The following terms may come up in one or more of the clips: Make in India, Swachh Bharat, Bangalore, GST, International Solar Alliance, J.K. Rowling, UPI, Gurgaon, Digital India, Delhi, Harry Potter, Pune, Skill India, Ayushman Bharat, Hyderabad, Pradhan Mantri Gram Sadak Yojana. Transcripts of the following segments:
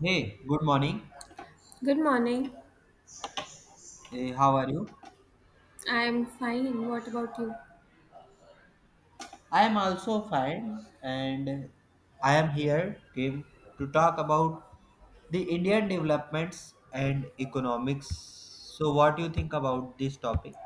Hey, good morning. Good morning. How are you? I'm fine. What about you? I am also fine, and I am here came to talk about the Indian developments and economics. So, what do you think about this topic?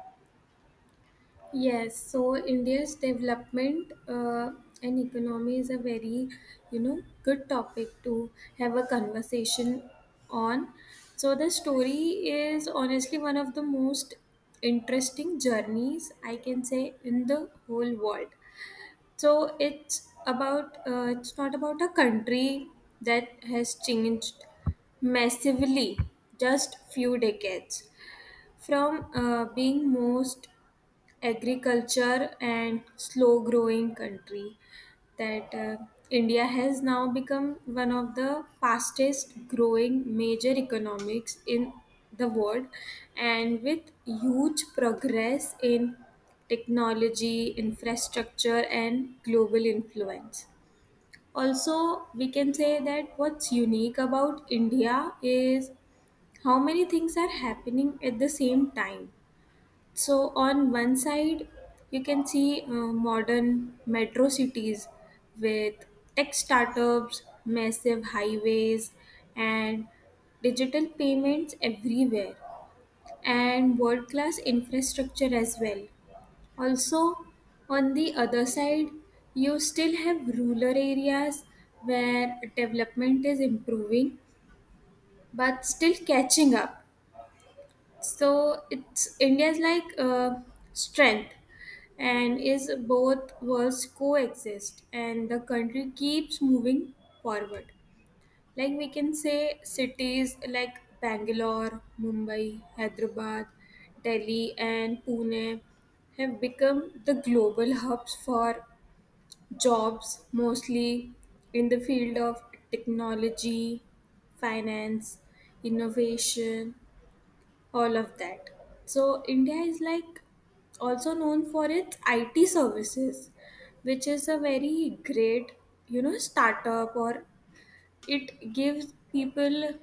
Yes, so India's development and economy is a very good topic to have a conversation on. So the story is honestly one of the most interesting journeys I can say in the whole world. So it's about it's not about a country that has changed massively just few decades. From being most agriculture and slow growing country that India has now become one of the fastest growing major economics in the world, and with huge progress in technology, infrastructure, and global influence. Also, we can say that what's unique about India is how many things are happening at the same time. So on one side, you can see modern metro cities with tech startups, massive highways, and digital payments everywhere, and world class infrastructure as well. Also, on the other side, you still have rural areas where development is improving but still catching up. So it's India's like strength and is both worlds coexist and the country keeps moving forward. Like we can say cities like Bangalore, Mumbai, Hyderabad, Delhi, and Pune have become the global hubs for jobs, mostly in the field of technology, finance, innovation, all of that. So India is like also known for its IT services, which is a very great startup, or it gives people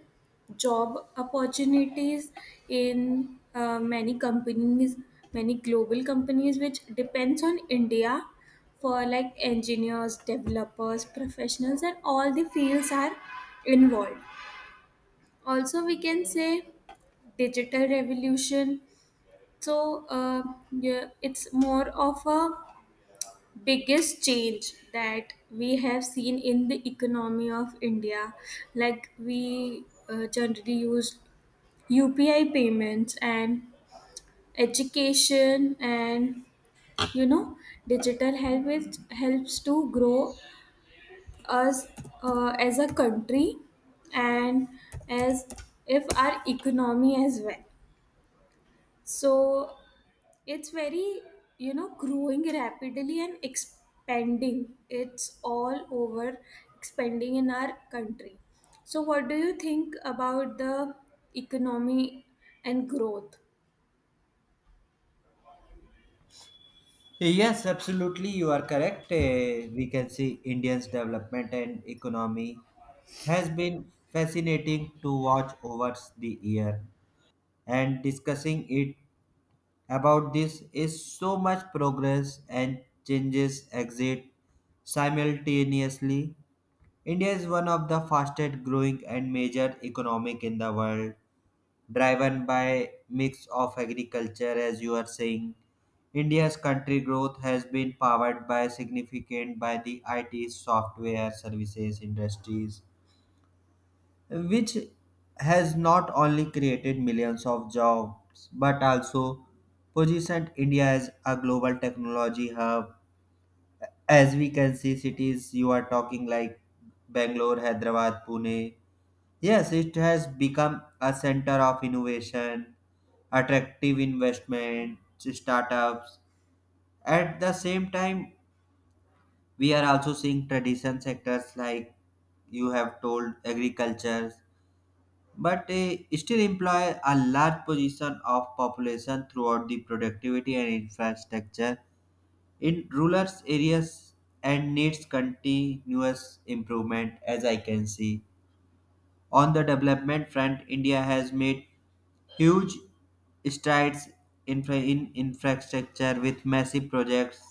job opportunities in many companies, many global companies, which depends on India for like engineers, developers, professionals, and all the fields are involved. Also, we can say digital revolution, so yeah, it's more of a biggest change that we have seen in the economy of India. Like we generally use UPI payments and education and you know digital help is, helps to grow us as a country and as if our economy as well. So it's very growing rapidly and expanding, it's all over expanding in our country. So what do you think about the economy and growth? Yes, absolutely, you are correct. We can see India's development and economy has been fascinating to watch over the year, and discussing it about this is so much progress and changes exist simultaneously. India is one of the fastest growing and major economic in the world, driven by mix of agriculture as you are saying. India's country growth has been powered by significant by the IT software services industries which has not only created millions of jobs but also positioned India as a global technology hub. As we can see, cities you are talking like Bangalore, Hyderabad, Pune. Yes, it has become a center of innovation, attractive investment, startups. At the same time, we are also seeing tradition sectors like you have told agriculture, but they still employ a large portion of population throughout the productivity and infrastructure in rural areas and needs continuous improvement as I can see. On the development front, India has made huge strides in infrastructure with massive projects,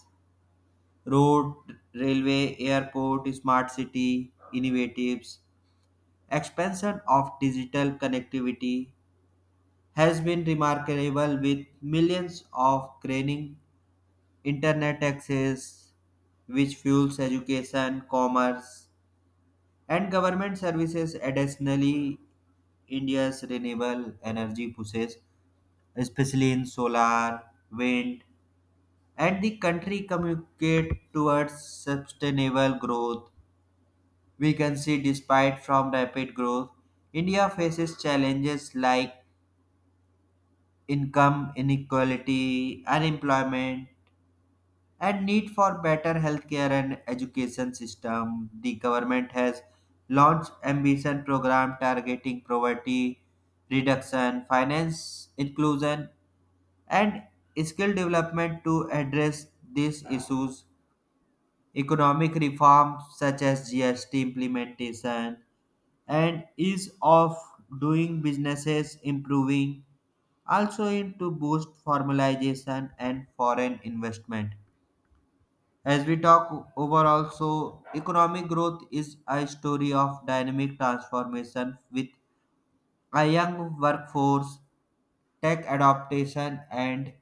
road, railway, airport, smart city innovatives. Expansion of digital connectivity has been remarkable with millions of gaining internet access, which fuels education, commerce and government services. Additionally, India's renewable energy pushes, especially in solar, wind and the country communicate towards sustainable growth. We can see despite from rapid growth, India faces challenges like income inequality, unemployment and need for better healthcare and education system. The government has launched ambition program targeting poverty reduction, finance inclusion, and skill development to address these issues. Economic reforms such as GST implementation and ease of doing businesses improving also aim to boost formalization and foreign investment. As we talk overall, so economic growth is a story of dynamic transformation with a young workforce, tech adaptation, and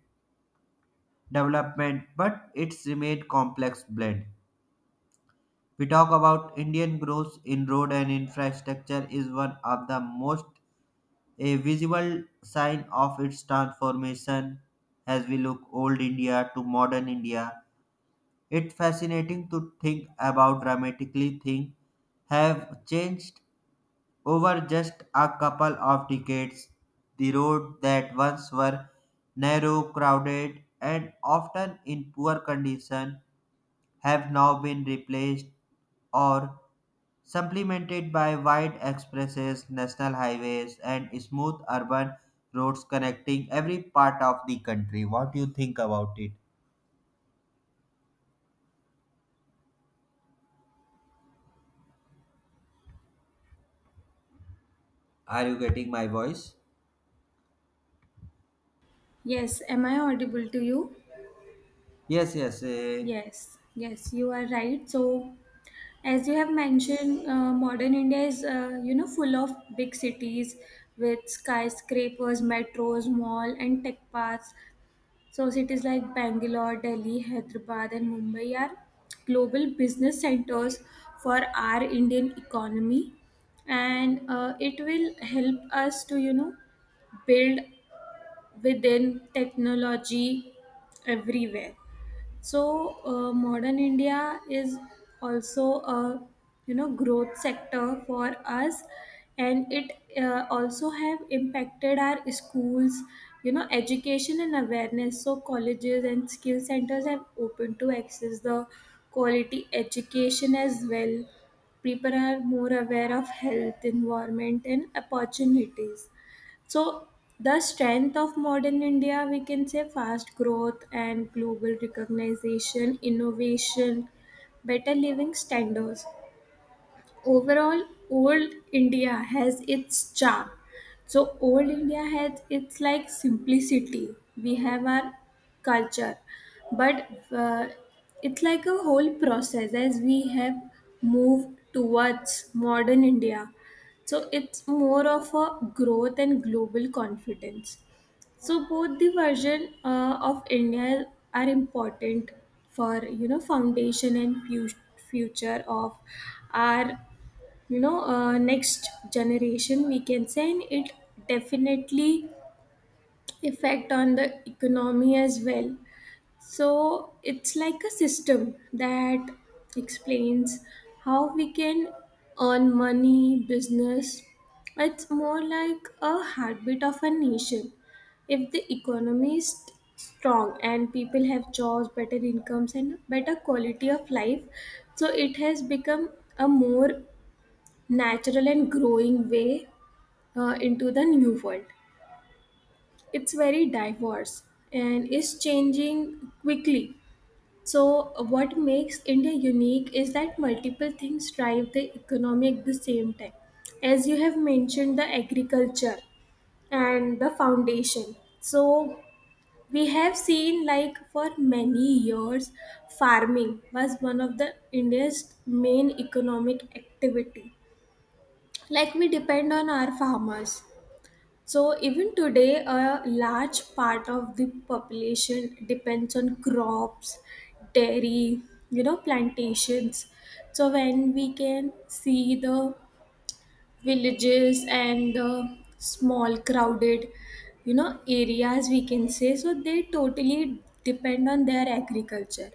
development, but it's remained complex blend. We talk about Indian growth in road and infrastructure is one of the most a visible sign of its transformation. As we look old India to modern India, it's fascinating to think about dramatically things have changed over just a couple of decades. The roads that once were narrow, crowded, and often in poor condition have now been replaced or supplemented by wide expresses, national highways, and smooth urban roads connecting every part of the country. What do you think about it? Are you getting my voice? Yes, am I audible to you? Yes, yes. Yes, yes, you are right. So as you have mentioned, modern India is, full of big cities with skyscrapers, metros, mall, and tech parks. So cities like Bangalore, Delhi, Hyderabad, and Mumbai are global business centers for our Indian economy, and it will help us to build within technology everywhere. So modern India is also a growth sector for us, and it also have impacted our schools, education and awareness. So colleges and skill centers have opened to access the quality education as well. People are more aware of health, environment, and opportunities. So, the strength of modern India, we can say, fast growth and global recognition, innovation, better living standards overall. Old India has its charm. So old India has its like simplicity, we have our culture, but uh, it's like a whole process as we have moved towards modern India. So it's more of a growth and global confidence. So both the version of India are important for foundation and future of our, next generation we can say, and it definitely effect on the economy as well. So it's like a system that explains how we can earn money, business. It's more like a heartbeat of a nation. If the economy is strong and people have jobs, better incomes and better quality of life. So it has become a more natural and growing way into the new world. It's very diverse and is changing quickly. So, what makes India unique is that multiple things drive the economy at the same time. As you have mentioned, the agriculture and the foundation. So, we have seen like for many years, farming was one of the India's main economic activity, like we depend on our farmers. So even today, a large part of the population depends on crops, dairy, plantations. So when we can see the villages and the small crowded, areas we can say, so they totally depend on their agriculture.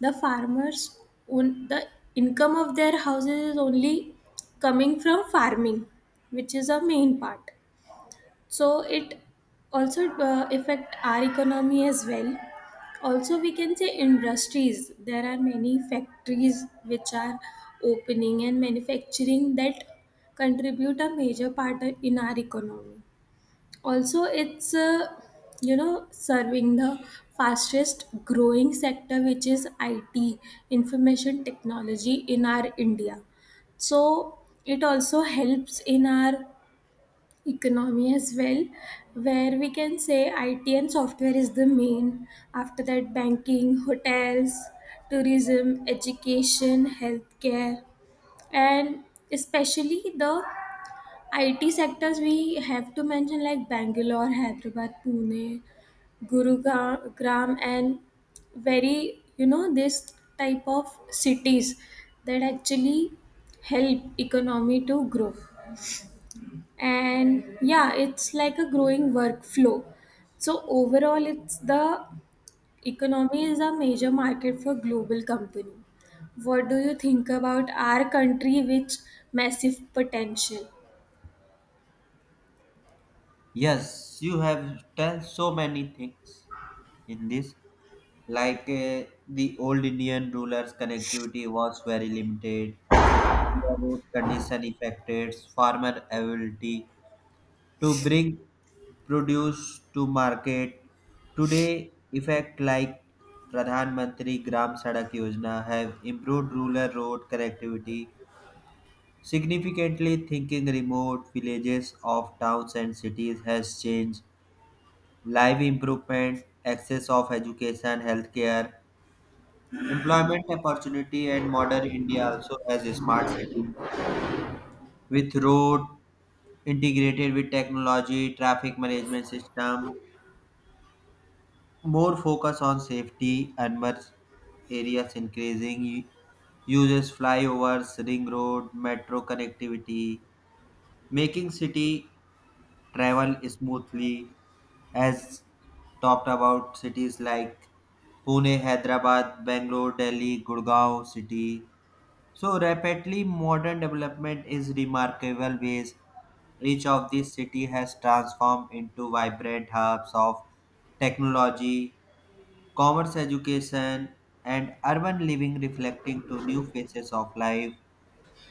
The farmers, own, the income of their houses is only coming from farming, which is a main part. So it also affect our economy as well. Also we can say industries, there are many factories which are opening and manufacturing that contribute a major part in our economy. Also it's, serving the fastest growing sector which is IT, information technology in our India. So it also helps in our economy as well, where we can say IT and software is the main. After that, banking, hotels, tourism, education, healthcare, and especially the IT sectors, we have to mention like Bangalore, Hyderabad, Pune, Gurugram, and this type of cities that actually help economy to grow. And yeah, it's like a growing workflow. So overall it's the economy is a major market for global company. What do you think about our country, which massive potential? Yes, you have tell so many things in this. Like the old Indian rulers' connectivity was very limited, poor road condition affected farmer ability to bring produce to market. Today, effect like Pradhan Mantri Gram Sadak Yojana have improved rural road connectivity significantly. Thinking remote villages of towns and cities has changed life improvement, access of education, healthcare, employment opportunity, and modern India also has a smart city with road integrated with technology, traffic management system, more focus on safety, urban areas increasing, uses flyovers, ring road, metro connectivity, making city travel smoothly as talked about cities like Pune, Hyderabad, Bangalore, Delhi, Gurgaon city. So rapidly modern development is remarkable ways. Each of these city has transformed into vibrant hubs of technology, commerce, education and urban living, reflecting to new phases of life.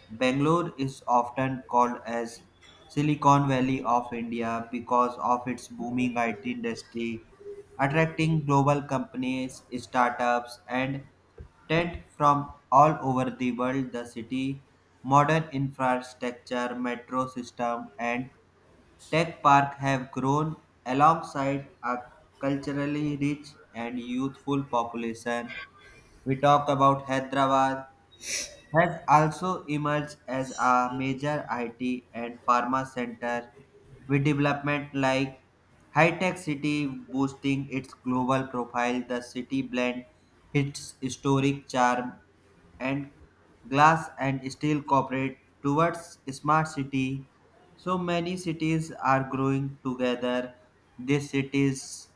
Bangalore is often called as Silicon Valley of India because of its booming IT industry, attracting global companies, startups, and talent from all over the world. The city, modern infrastructure, metro system, and tech park have grown alongside a culturally rich and youthful population. We talk about Hyderabad has also emerged as a major IT and pharma center with development like high tech city boosting its global profile. The city blends its historic charm and glass and steel corporate towards smart city. So many cities are growing together. These cities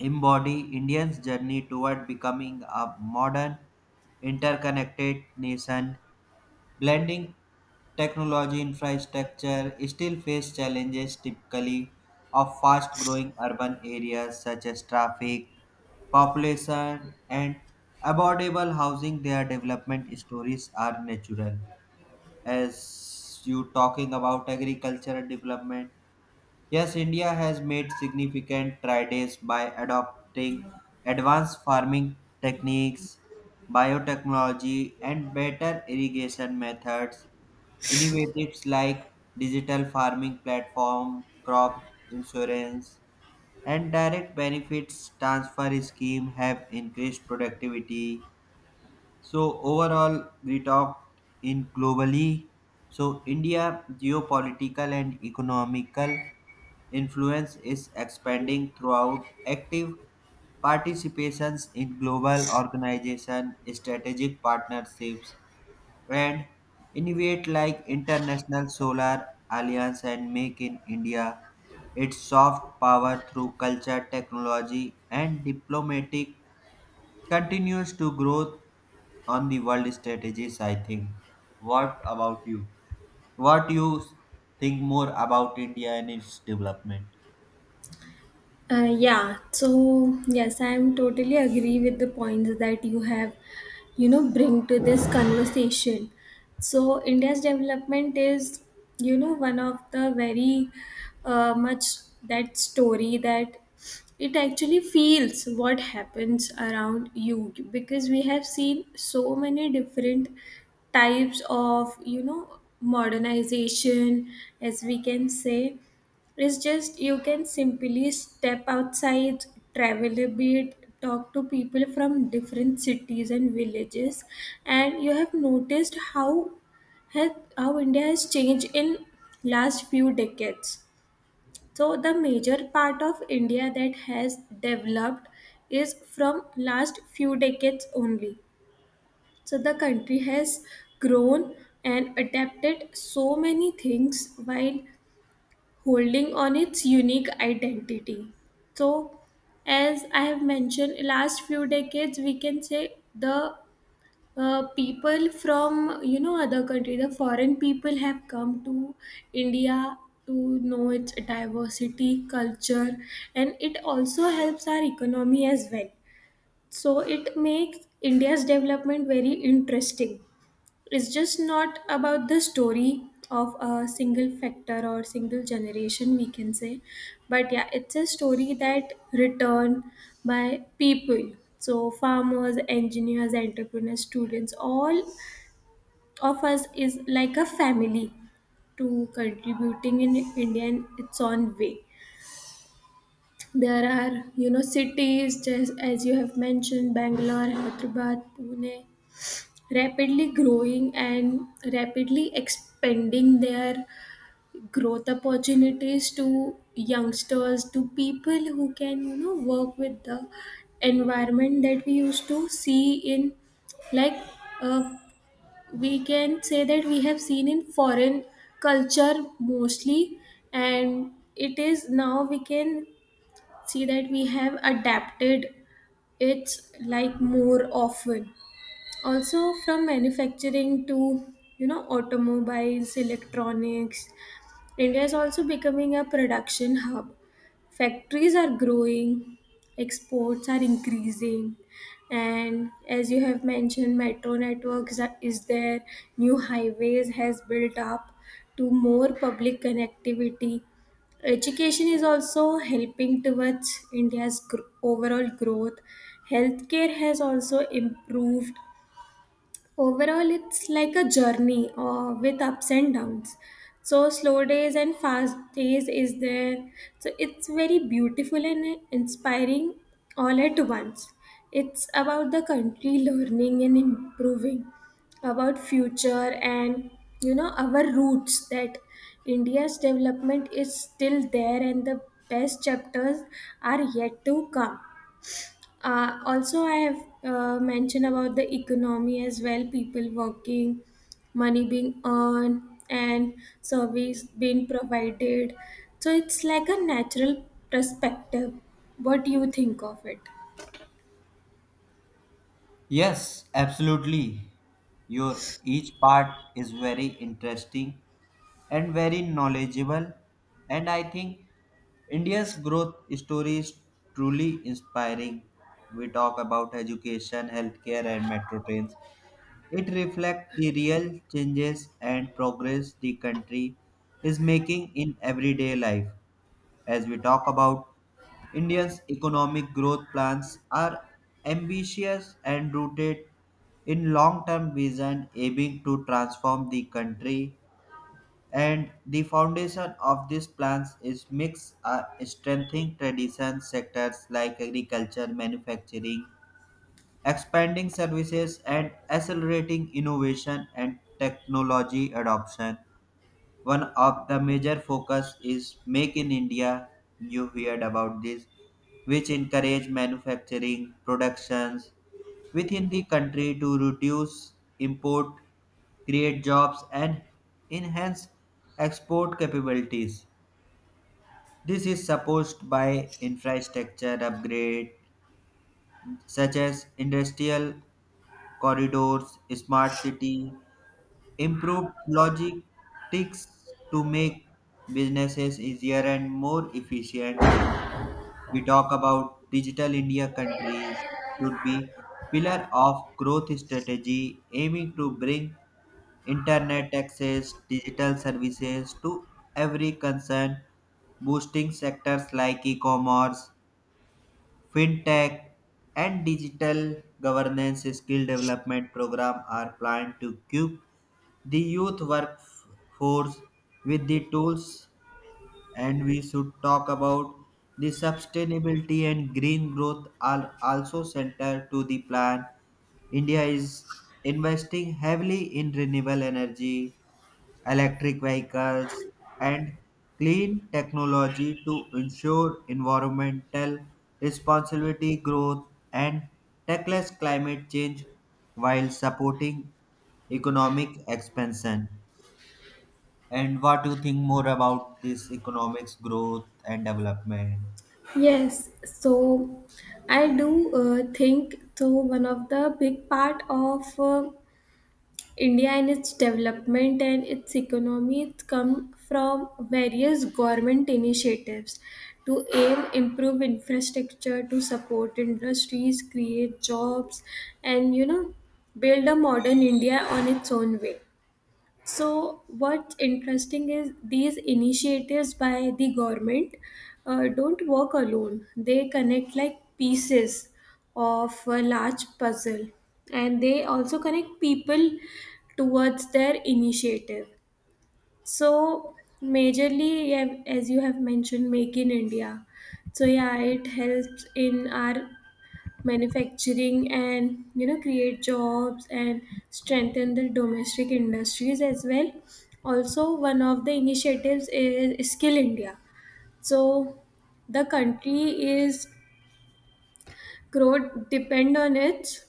embody Indians' journey toward becoming a modern interconnected nation, blending technology infrastructure, still face challenges typically of fast-growing urban areas such as traffic, population, and affordable housing. Their development stories are natural. As you talking about agricultural development, yes, India has made significant strides by adopting advanced farming techniques, biotechnology, and better irrigation methods. Innovatives like digital farming platform, crop insurance, and direct benefits transfer scheme have increased productivity. So overall, we talked in globally. So India geopolitical and economical influence is expanding throughout active participations in global organization, strategic partnerships and innovate like International Solar Alliance and Make in India. Its soft power through culture, technology, and diplomatic continues to grow on the world strategies, I think. What about you? What you think more about India and its development? Yes, I'm totally agree with the points that you have, bring to this conversation. So India's development is, one of the very much that story that it actually feels what happens around you, because we have seen so many different types of, modernization. As we can say, it's just you can simply step outside, travel a bit, talk to people from different cities and villages, and you have noticed how India has changed in last few decades. So the major part of India that has developed is from last few decades only. So the country has grown and adapted so many things while holding on its unique identity. So, as I have mentioned, last few decades, we can say the people from other country, the foreign people have come to India to know its diversity, culture, and it also helps our economy as well. So it makes India's development very interesting. It's just not about the story of a single factor or single generation we can say, but yeah, it's a story that written by people. So farmers, engineers, entrepreneurs, students, all of us is like a family to contributing in India in its own way. There are, cities just as you have mentioned, Bangalore, Hyderabad, Pune, rapidly growing and rapidly expanding their growth opportunities to youngsters, to people who can work with the environment that we used to see in like, uh, we can say that we have seen in foreign culture mostly, and it is now we can see that we have adapted it like more often. Also from manufacturing to automobiles, electronics, India is also becoming a production hub. Factories are growing, exports are increasing, and as you have mentioned, metro networks is there, new highways has built up to more public connectivity. Education is also helping towards India's overall growth. Healthcare has also improved. Overall, it's like a journey with ups and downs. So, slow days and fast days is there. So, it's very beautiful and inspiring all at once. It's about the country learning and improving, about future and our roots, that India's development is still there and the best chapters are yet to come. Also, I have mentioned about the economy as well, people working, money being earned, and service being provided. So, it's like a natural perspective. What do you think of it? Yes, absolutely. Your each part is very interesting and very knowledgeable, and I think India's growth story is truly inspiring. We talk about education, healthcare, and metro trains. It reflects the real changes and progress the country is making in everyday life. As we talk about India's economic growth plans are ambitious and rooted in long-term vision aiming to transform the country, and the foundation of these plans is mix strengthening tradition sectors like agriculture, manufacturing, expanding services and accelerating innovation and technology adoption. One of the major focus is Make in India. You heard about this, which encourage manufacturing productions within the country to reduce import, create jobs, and enhance export capabilities. This is supported by infrastructure upgrade such as industrial corridors, smart city improved logistics to make businesses easier and more efficient. We talk about digital India countries should be pillar of growth strategy aiming to bring internet access, digital services to every concern, boosting sectors like e-commerce, fintech, and digital governance. Skill development program are planned to give the youth workforce with the tools, and we should talk about the sustainability and green growth are also central to the plan. India is investing heavily in renewable energy, electric vehicles and clean technology to ensure environmental responsibility growth and tackles climate change while supporting economic expansion. And what do you think more about this economics growth and development? Yes, so I do think so. One of the big part of India in its development and its economy, it's come from various government initiatives to aim improve infrastructure, to support industries, create jobs, and build a modern India on its own way. So, what's interesting is these initiatives by the government don't work alone. They connect like pieces of a large puzzle, and they also connect people towards their initiative. So, majorly, yeah, as you have mentioned, Make in India. So, yeah, it helps in our manufacturing and create jobs and strengthen the domestic industries as well. Also one of the initiatives is Skill India. So the country is growth depend on it,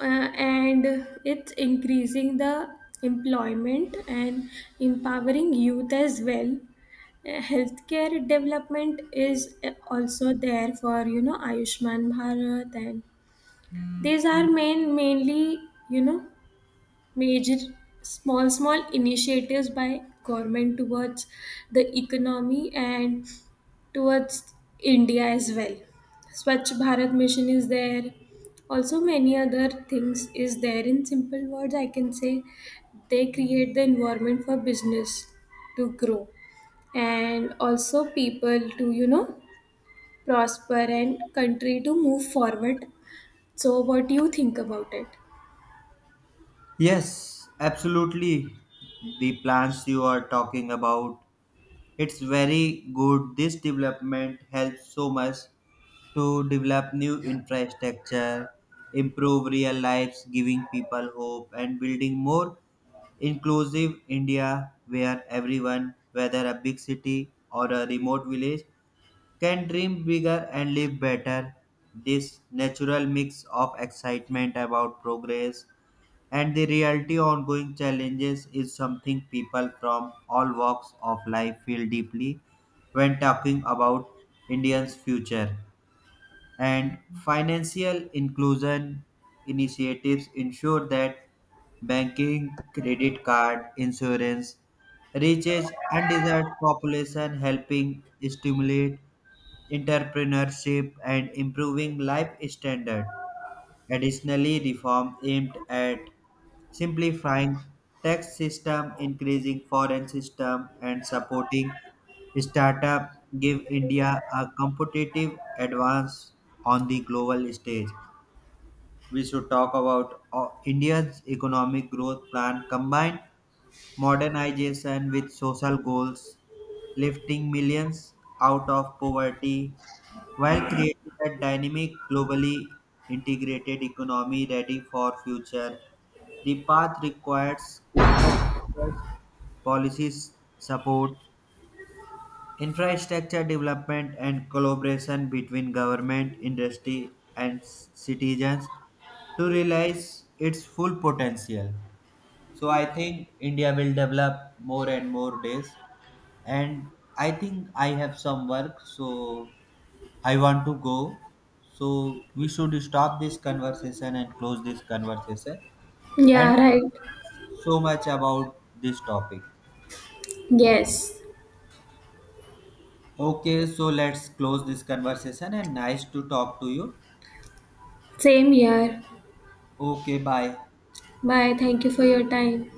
and it's increasing the employment and empowering youth as well. Healthcare development is also there, for Ayushman Bharat. And these are main mainly, major small small initiatives by government towards the economy and towards India as well. Swachh Bharat mission is there. Also many other things is there. In simple words I can say, they create the environment for business to grow, and also people to prosper and country to move forward. So what do you think about it? Yes, absolutely. The plans you are talking about, it's very good. This development helps so much to develop new infrastructure, improve real lives, giving people hope, and building more inclusive India where everyone, whether a big city or a remote village, can dream bigger and live better. This natural mix of excitement about progress and the reality ongoing challenges is something people from all walks of life feel deeply when talking about Indians' future, and financial inclusion initiatives ensure that banking, credit card, insurance reaches undesired population, helping stimulate entrepreneurship and improving life standard. Additionally, reform aimed at simplifying tax system, increasing foreign system, and supporting startup give India a competitive advance on the global stage. We should talk about India's economic growth plan combined modernization with social goals, lifting millions out of poverty while creating a dynamic, globally integrated economy ready for future. The path requires continuous policies support, infrastructure development, and collaboration between government, industry, and citizens to realize its full potential. So I think India will develop more and more days. And I think I have some work, so I want to go. So we should stop this conversation and close this conversation and Yeah, right. focus so much about this topic. Yes. Okay, so let's close this conversation and nice to talk to you. Same here. Okay, bye. Bye. Thank you for your time.